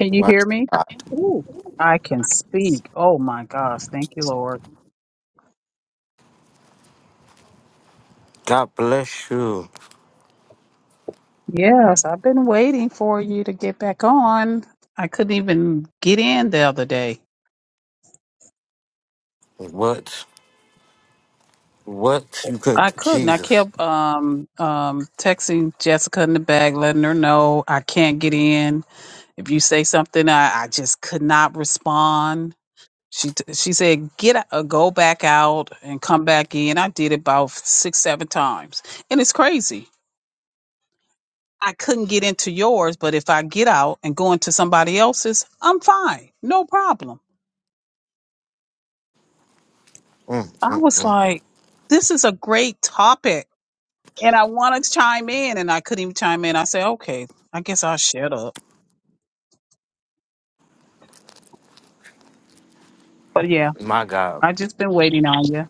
Can you What? hear me? God Ooh, I can speak. Oh my gosh. Thank you, Lord. bless you. Yes, I've been waiting for you to get back on. I couldn't even get in the other day. What? What? You could, I couldn't. I Jesus. kept um um texting Jessica in the back, letting her know I can't get in. If you say something, I, I just could not respond. She t- she said, "Get out, uh, go back out and come back in." I did it about six, seven times, and it's crazy I couldn't get into yours, but if I get out and go into somebody else's, I'm fine. No problem. Mm, I mm, was mm. like, this is a great topic. And I want to chime in, and I couldn't even chime in. I said, okay, I guess I'll shut up. But yeah, My God. I just been waiting on you.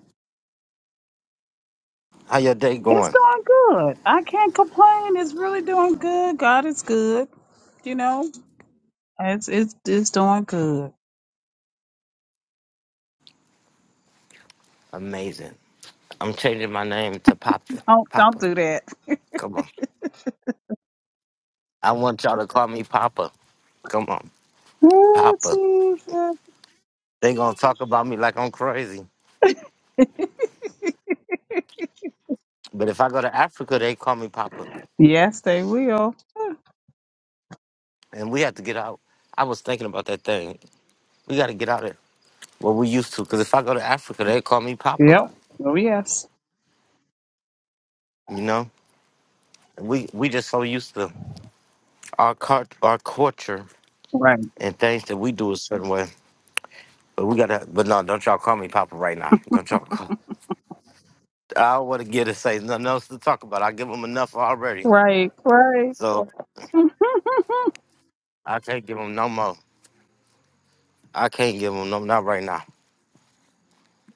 How your day It's going? doing good. I can't complain. It's really doing good. God is good. You know, it's it's, it's doing good. Amazing. I'm changing my name to Papa. Don't Papa. don't do that. Come on. I want y'all to call me Papa. Come on. Ooh, Papa. Jesus. They gonna talk about me like I'm crazy. But if I go to Africa, they call me Papa. Yes, they will. And we have to get out. I was thinking about that thing. We gotta get out of what we used to. Cause if I go to Africa, they call me Papa. Yep. Oh, yes. You know? And we we just so used to our cult, our culture Right. and things that we do a certain way. But we gotta. But no, don't y'all call me Papa right now. Don't y'all call. I don't want to get to say nothing else to talk about. I give them enough already, Right. Right. so I can't give them no more. I can't give them no not right now.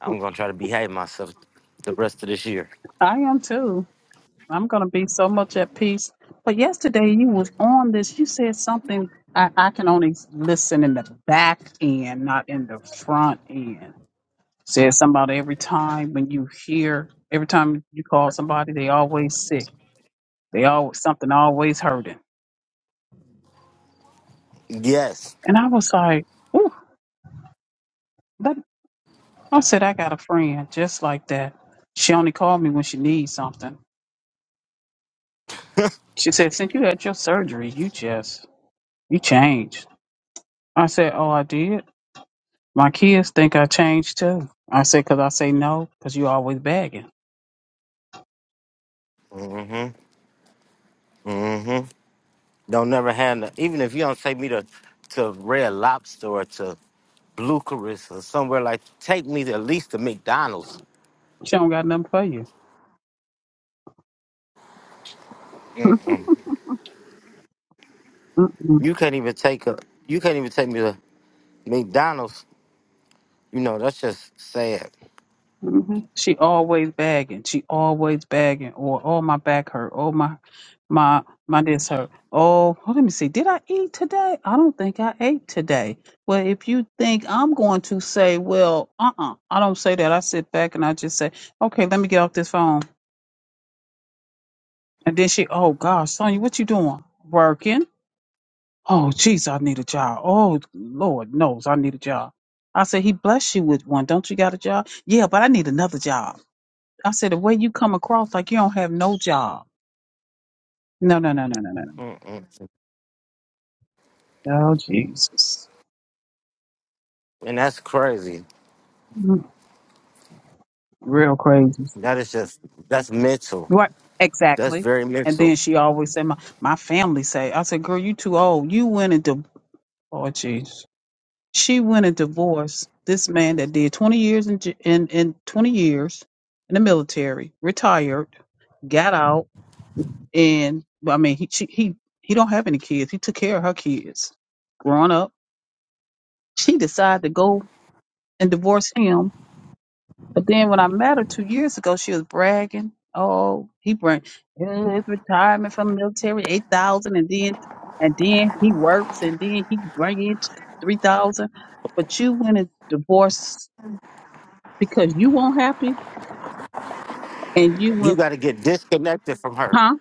I'm gonna try to behave myself the rest of this year. I am too. I'm gonna be so much at peace. But yesterday you was on this. You said something. I, I can only listen in the back end, not in the front end. Said somebody every time when you hear, every time you call somebody, they always sick. They always something always hurting. Yes. And I was like, ooh, that, I said I got a friend just like that. She only called me when she needs something. She said, since you had your surgery, you just You changed. I said, Oh, I did. My kids think I changed too. I said, Because I say no, because you always begging. Mm-hmm. Mm-hmm. Don't never have no, even if you don't take me to to Red Lobster or to Blue Carissa or somewhere like. Take me to at least to McDonald's. She don't got nothing for you. Mm-mm. You can't even take a. You can't even take me to McDonald's. You know that's just sad, hmm She always bagging. She always bagging. Or oh my back hurt. Oh my my my this hurt. Oh well, let me see. Did I eat today? I don't think I ate today. Well, if you think I'm going to say, well, uh uh I don't say that. I sit back and I just say, okay, let me get off this phone. And then she, oh gosh, Sonya, what you doing? Working. Oh, jeez, I need a job. Oh, Lord knows I need a job. I said, He blessed you with one. Don't you got a job? Yeah, but I need another job. I said, The way you come across, like you don't have no job. No, no, no, no, no, no. Mm-mm. no. Oh, Jesus. and that's crazy. Mm, Real crazy. That is just that's mental. Right. That's Exactly. very And mental. then she always said, My, my family say, I said, Girl, you too old. You went and divorce. Oh, jeez. She went and divorced this man that did 20 years in, j- in, in 20 years in the military, retired, got out and well, I mean, he she, he he don't have any kids. He took care of her kids growing up. She decided to go and divorce him. But then when I met her two years ago, she was bragging, "Oh, he bring eh, his retirement from military eight thousand, and then and then he works, and then he bring in three thousand. But you went and divorced because you weren't happy, and you You went, got to get disconnected from her. huh?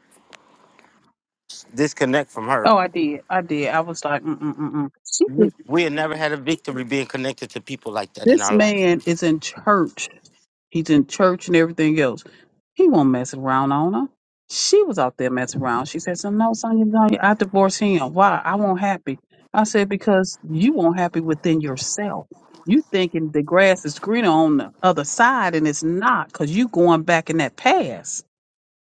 Disconnect from her. Oh, I did, I did. I was like, mm mm mm mm. She, We we had never had a victory being connected to people like that in this our life. man is in church He's in church and everything else. He won't mess around on her. She was out there messing around. She said, so no, Sonya, no, I divorced him. Why? I won't happy. I said, because you won't happy within yourself. You thinking the grass is greener on the other side and it's not because you going back in that past.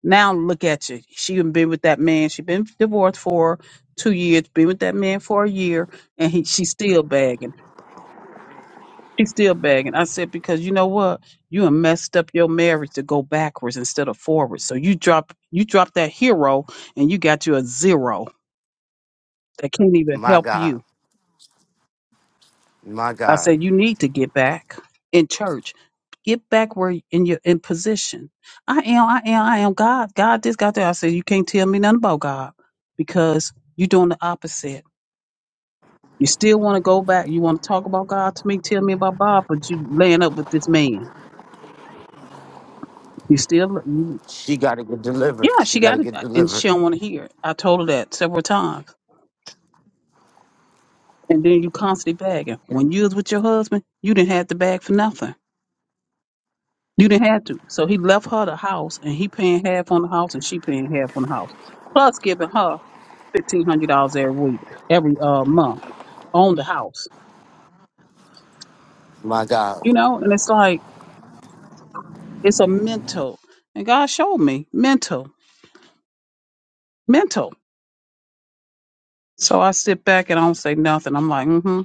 Now look at you. She done been with that man. She been divorced for two years, been with that man for a year, and he, she still bagging. She's still begging. I said, because you know what? You have messed up your marriage to go backwards instead of forwards. So you drop you drop that hero and you got you a zero that can't even My help God, you. my I God. said, you need to get back in church. Get back where in your in position. I am, I am, I am God. God this, God that. I said, you can't tell me nothing about God because you're doing the opposite. You still want to go back. You want to talk about God to me, tell me about God, but you laying up with this man. You still you She got to get delivered. Yeah, She she got to got it, get uh, and delivered. she don't want to hear it. I told her that several times. And then you constantly bagging. When you was with your husband, you didn't have to bag for nothing. You didn't have to. So he left her the house, and he paying half on the house, and she paying half on the house, plus giving her fifteen hundred dollars every week, every uh month on the house. My God, You know, and it's like it's a mental. And God showed me mental, mental. So I sit back and I don't say nothing. I'm like, mm-hmm.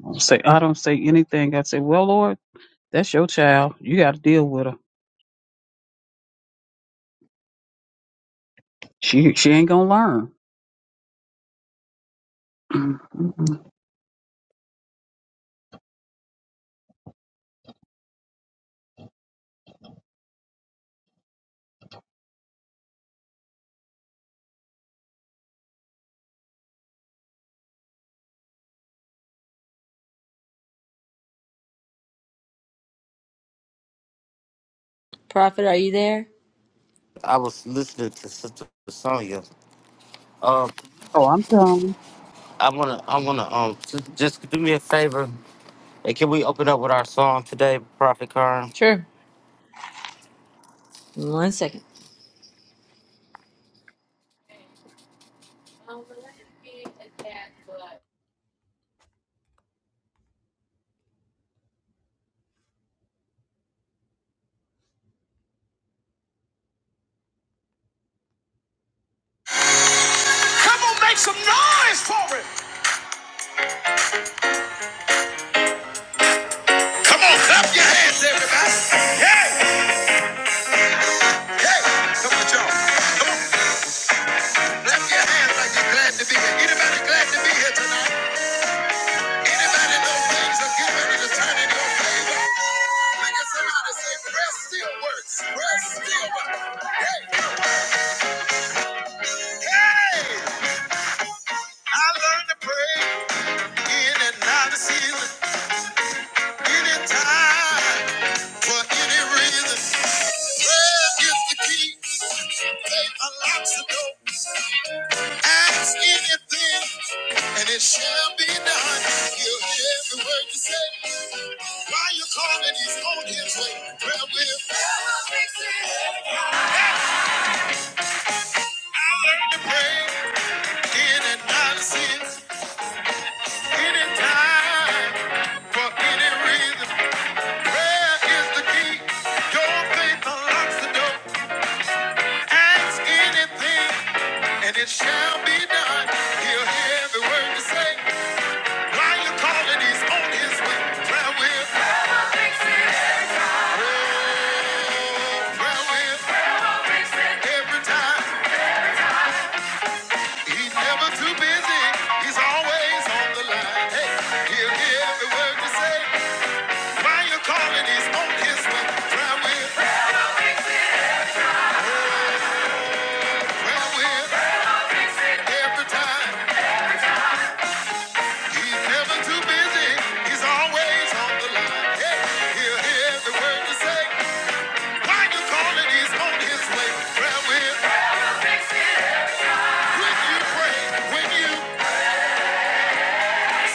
I don't say I don't say anything. I say, well, Lord. That's your child. You got to deal with her. She she ain't gonna learn. Prophet, are you there? I was listening to Sister Sonya. Um, oh, I'm telling. you. I wanna, I wanna, um, j- just do me a favor. Hey, can we open up with our song today, Prophet Karn? Sure. One second. Come on, make some noise for it. Come on, clap your hands, everybody. Hey, hey. Come on, y'all. Come on, clap your hands like you're glad to be here. Anybody glad to be here tonight? Anybody know things are getting ready to turn in your favor? Look at somebody say, prayer still works. Prayer still works. Hey, hey. I learned to pray in and out of season. Anytime, for any reason, prayer is the key. Faith unlocks the door. Ask anything, and it shall be done. He'll hear every word you say. While you're calling, he's on his way. Prayer will never fix it. I learned to pray in and out of sin, anytime, for any reason. Prayer is the key. Your faith unlocks the door. Ask anything, and it shall be done. He'll hear every word you say. While you're calling, he's on his way. Prayer will. Oh, prayer will. Every time. He's never too busy. He's always on the line. Hey, he'll hear every word you say. While you're calling, he's on his way. Prayer will. Prayer will. Every time. He's never too busy. He's always on the line. Hey, hear every word you say. Why you calling? He's on his way. Prayer will. When you pray, when you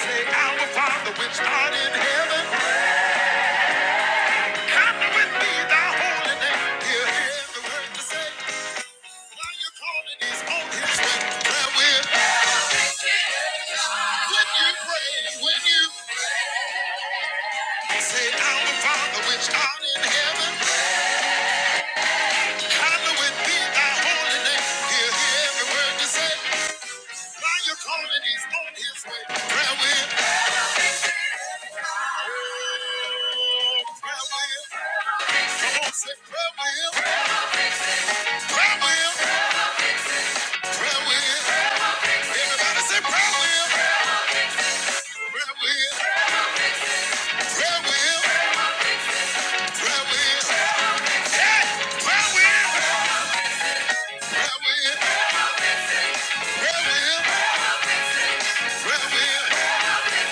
say, Our Father which art in heaven, hallowed with me thy holy hear every word you say. Why you calling? He's on his way. Prayer will. When you pray, when you say, Our Father which art in heaven. Hallowed be thy holy name. Hear, hear every word you say. While you're calling, he's on his way. Prayer will. Prayer will. Come on, say prayer will. Prayer will. Prayer will. Everybody say prayer will. Prayer will. Prayer will. Prayer will.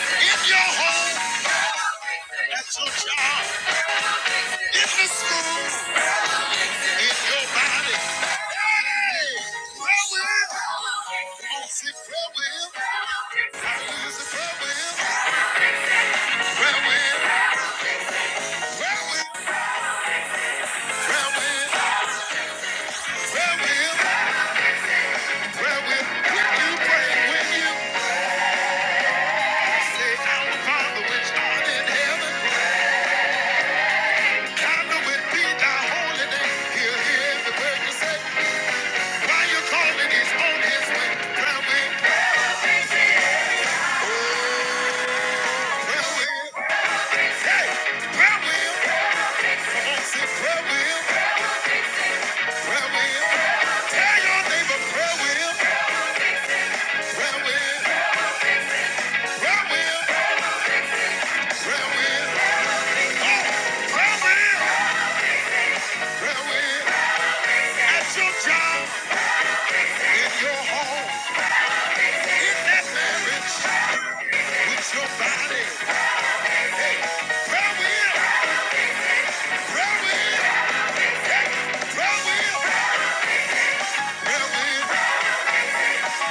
In your home, at your job, in the school. It's your body. Hey! Prayer wheel. Oh, see, prayer wheel. Hallelujah, it's a prayer wheel. Prayer wheel. Prayer wheel. Prayer wheel. Prayer wheel. Prayer wheel. When you pray, when you say, Our Father which art in heaven, hallowed be thy holy name. He'll hear every word you say. While you're calling, he's on his way. Prayer wheel. Oh, prayer wheel. Hey, prayer wheel. Come on, say prayer wheel. Prayer Tell your neighbor prayer wheel. Prayer wheel. Prayer wheel. Prayer wheel. Oh, prayer wheel. Prayer wheel. At your job, in your home, in that marriage, with your body. Prayer wheel. Prayer wheel. Prayer wheel. Prayer wheel.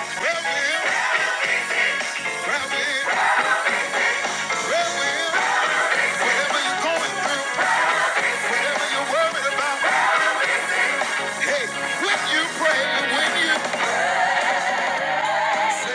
Prayer wheel. Prayer wheel. Prayer wheel. Whatever you're going through, whatever you're worried about, hey, when you pray, when you Alright,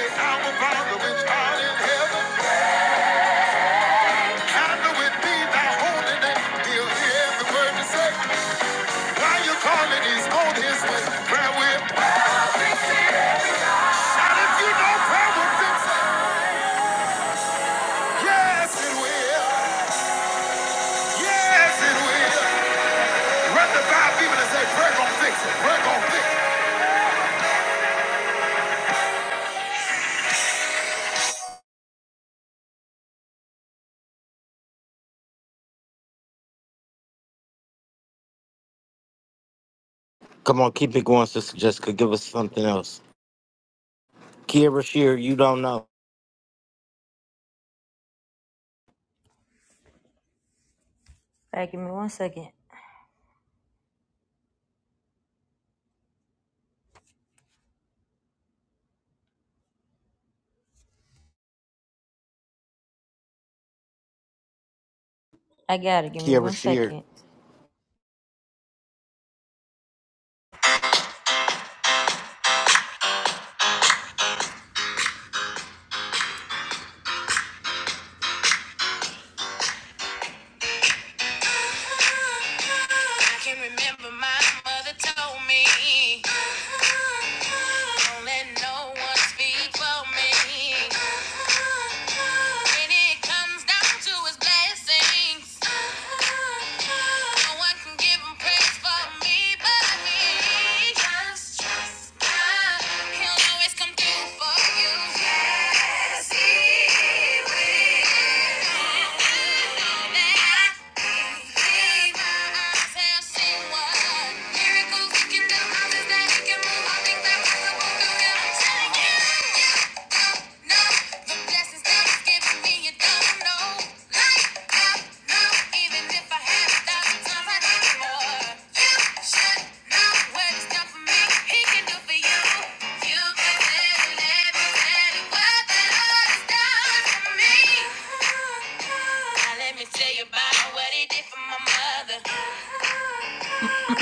Come on, keep it going, Sister Jessica. Give us something else. Kiera Shear, you don't know. give me one second. I got it. Give me Kiera one Shear. second. I can remember my mother told me, don't let no one speak for me. When it comes down to his blessings, no one can give him praise for me but me. Just trust God, he'll always come through for you. Yes, he will. You can let it, let it, let it, what the Lord has done. Now let me tell you about what he did for my mother.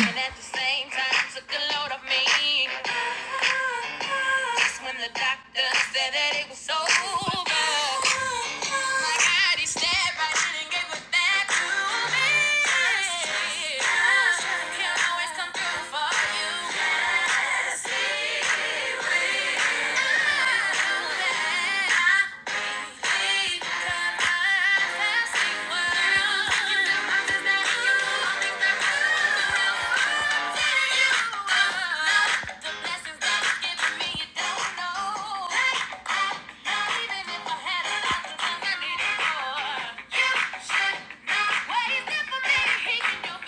And at the same time took a load of me. That's when the doctor said that it was over. My God, he stared right in and gave it back to me. He'll always come through for you. Thank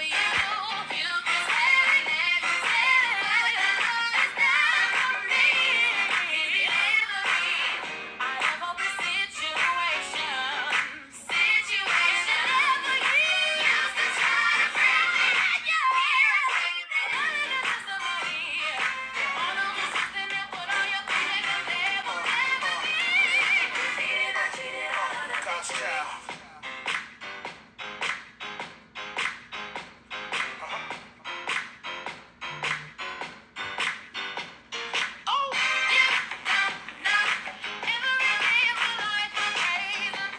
you Thank you. Oh, yeah, nah, nah.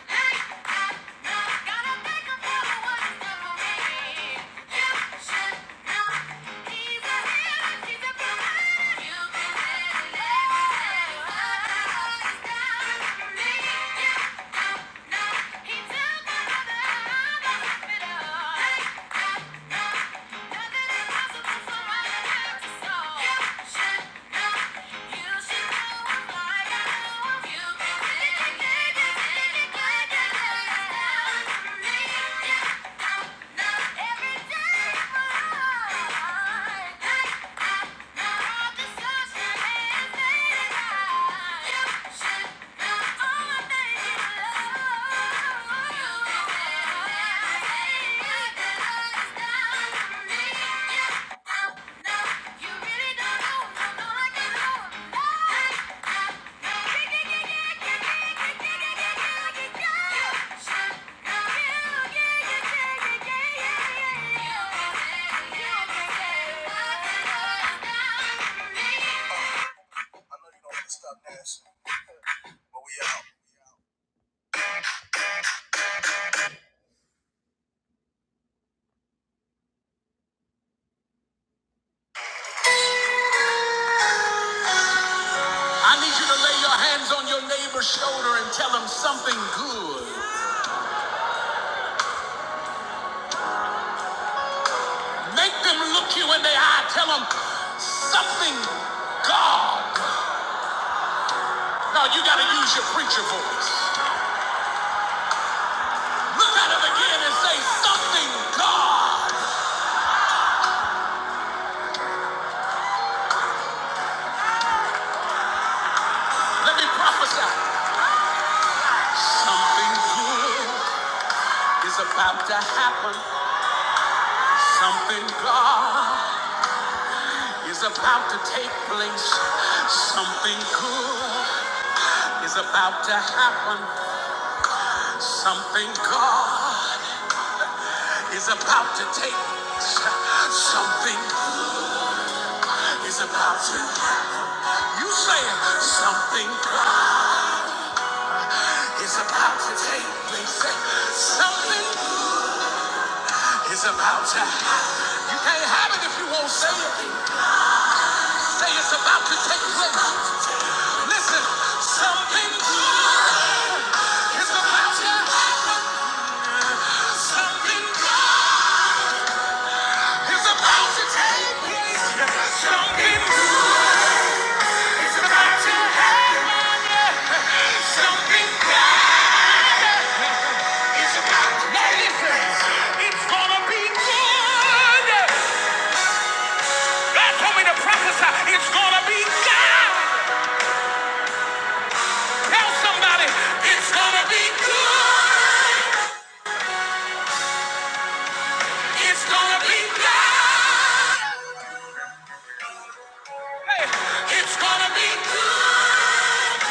Hey, nah, nah. Oh, Yeah, nah, nah. Hey, nah, nah. Yeah. I need you to lay your hands on your neighbor's shoulder and tell them something good. Make them look you in the eye. Tell them something, God. Now you got to use your preacher voice. Look at them again and say something, God. Let me prophesy. Something good is about to happen. Something God is about to take place. Something good is about to happen. Something God is about to take place. Something is about to happen. You say something is about to take place. Say something is about to happen. You can't have it if you won't say it. Say it's about to take place. Listen, something is about to happen. Something is about to take place. Something is about to happen. Something. It's about now listen. It's gonna be good. God told me to prophesy. It's gonna be good. Tell somebody it's gonna be good. It's gonna be good. It's gonna be good.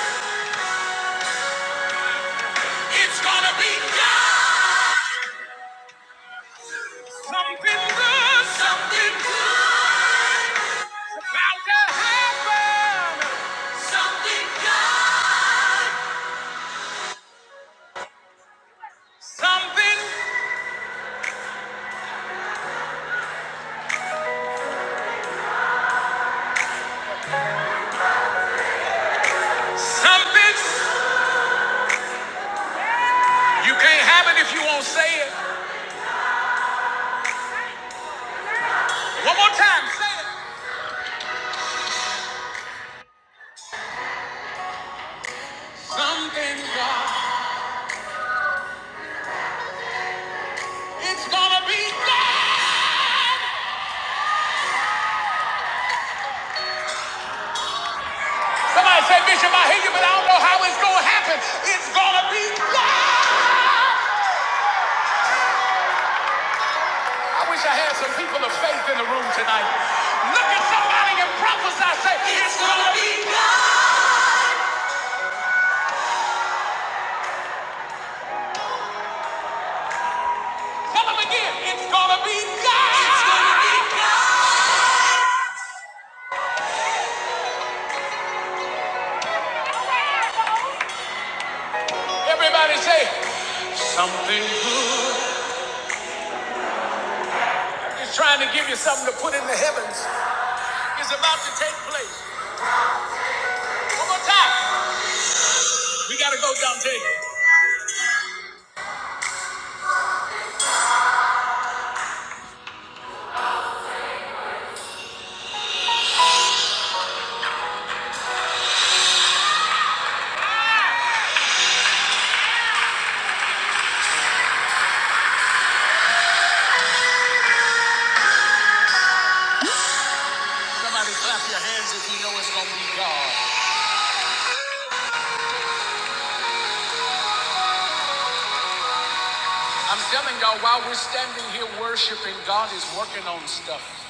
It's gonna be good. Something good. Something good. About to happen. Something good. Something. Something you can't have it if you won't say it. One more time, say it. Something God, it's gonna be God. Somebody say, Bishop, I hear you, but I don't know how it's gonna happen. It's gonna be God. I wish I had some people of faith in the room tonight. Look at somebody and prophesy, say, it's gonna be God. Tell them again, it's gonna be God. It's gonna be God. Everybody say, something good. He's trying to give you something to put in the heavens. It's about to take place. One more time. We gotta go, Dante. Somebody clap your hands if you know it's gonna be God. I'm telling y'all, while we're standing here worshiping, God is working on stuff.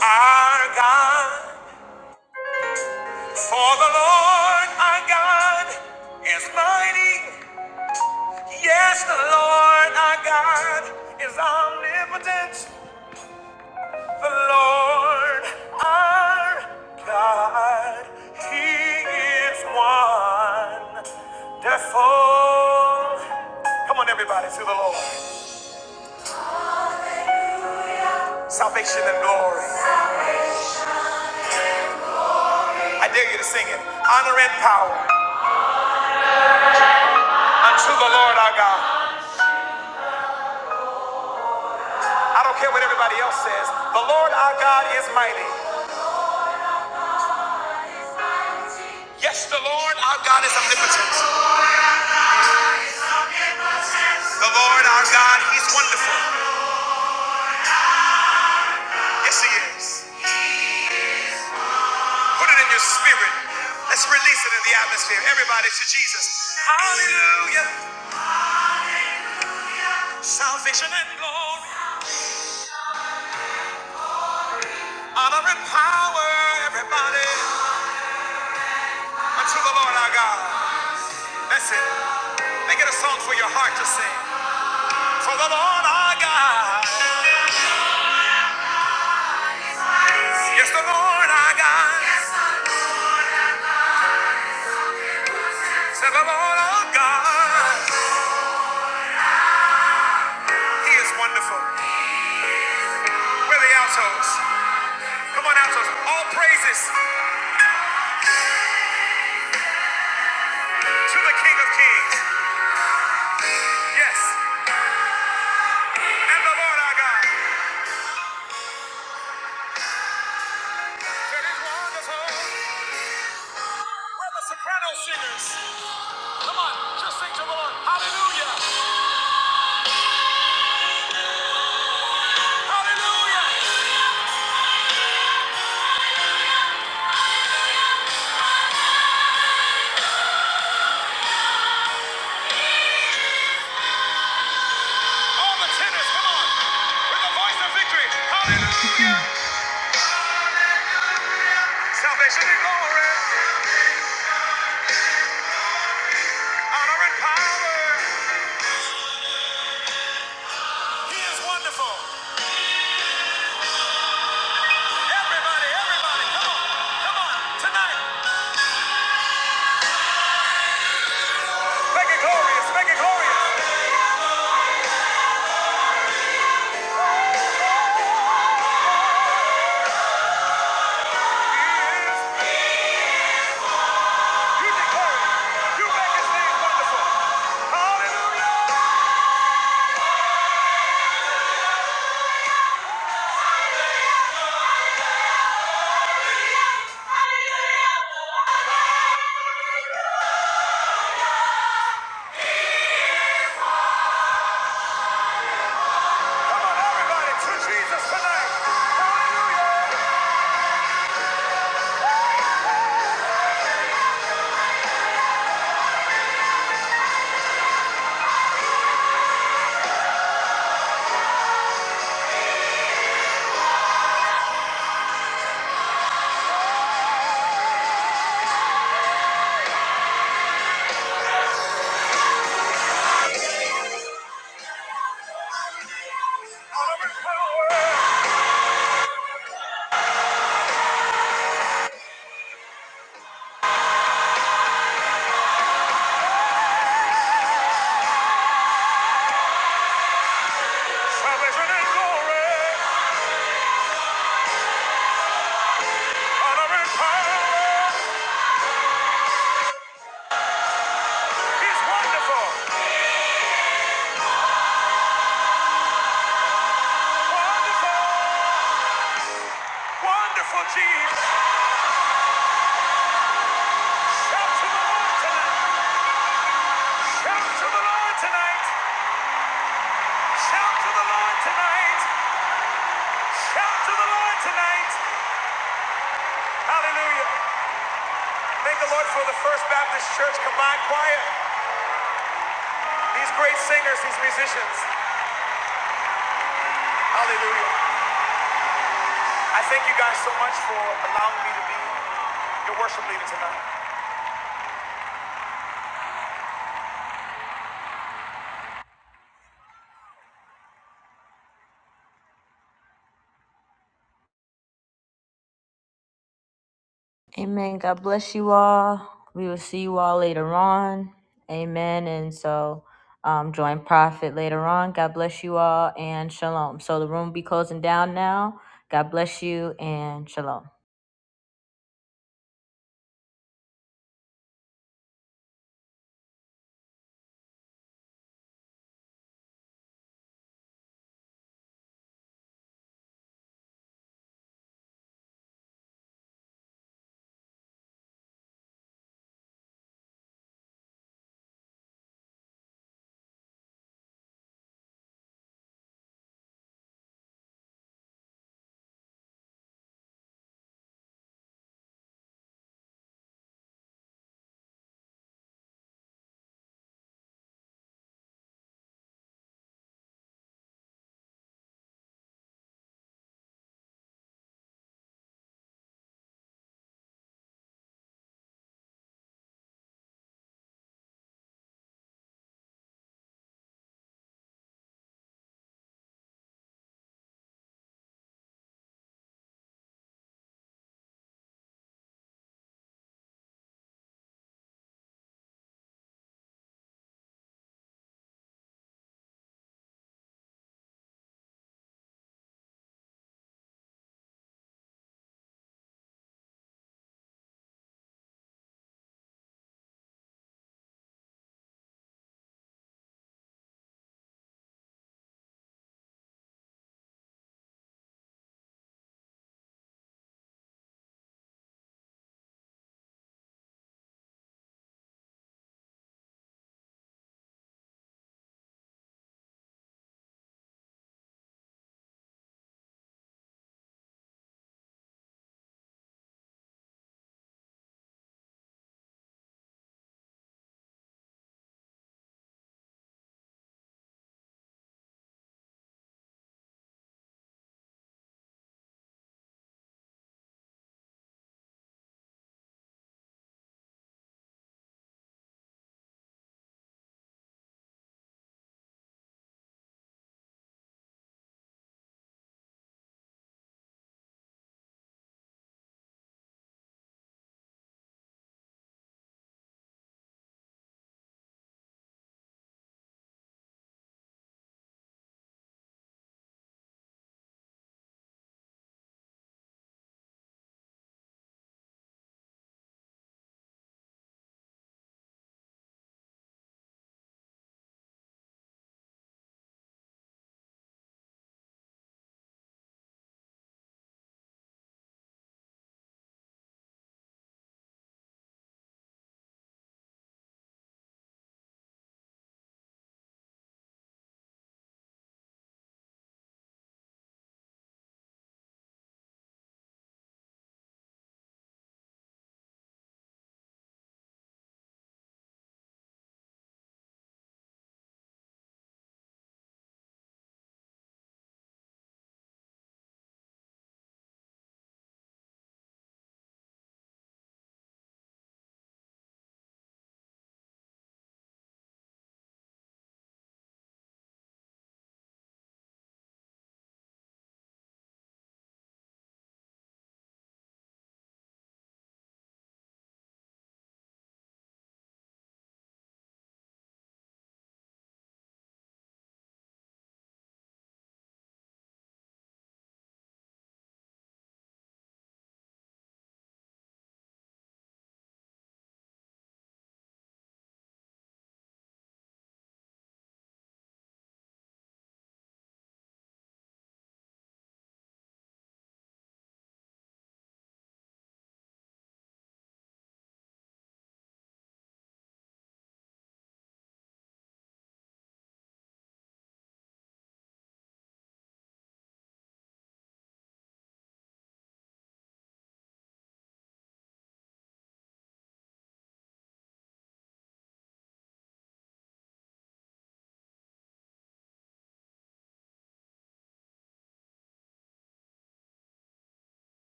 Our God, for the Lord our God is mighty. Yes, the Lord our God is omnipotent. Lord, our God, He is wonderful. Come on, everybody, to the Lord. Salvation and glory. I dare you to sing it. Honor and power unto the Lord our God. I don't care what everybody else says. The Lord our God is mighty. Yes, the Lord our God is omnipotent. The Lord our God, He's wonderful. Yes, He is. Put it in your spirit. Let's release it in the atmosphere. Everybody to Jesus. Hallelujah. Salvation and glory. Honor and power. Everybody. Unto the Lord our God. That's it. Make it a song for your heart to sing. For the Lord our God. Yes, the Lord our God. Say the Lord our God. He is wonderful. we are the altos? Come on, altos. All praises to the King of Kings. Yes. And the Lord our God. We're the soprano singers. Come on, just sing to the Lord. Hallelujah. Hallelujah. All the tenors, come on. With the voice of victory. Hallelujah. Salvation and glory. Honor and power. He is wonderful. Everybody, everybody, come on. Come on. Tonight. Make it glorious. Make it glorious. He is. You declare it. You make his name wonderful. Hallelujah. Come on, everybody, to Jesus tonight. Hallelujah. Honor and power, salvation and glory. Honor and power. He's wonderful. Wonderful. Wonderful Jesus. Shout to the Lord tonight. Shout to the Lord tonight. Shout to the Lord tonight. Shout to the Lord tonight. Hallelujah. Thank the Lord for the First Baptist Church Combined Choir. These great singers, these musicians. Hallelujah. I thank you guys so much for allowing me to be your worship leader tonight. Amen. God bless you all. We will see you all later on. Amen. And so um, join Prophet later on. God bless you all and shalom. So the room will be closing down now. God bless you and shalom.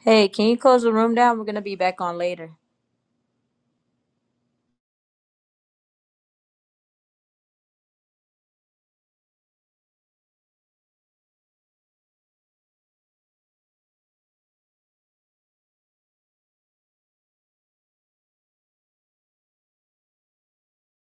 Hey, can you close the room down? We're going to be back on later.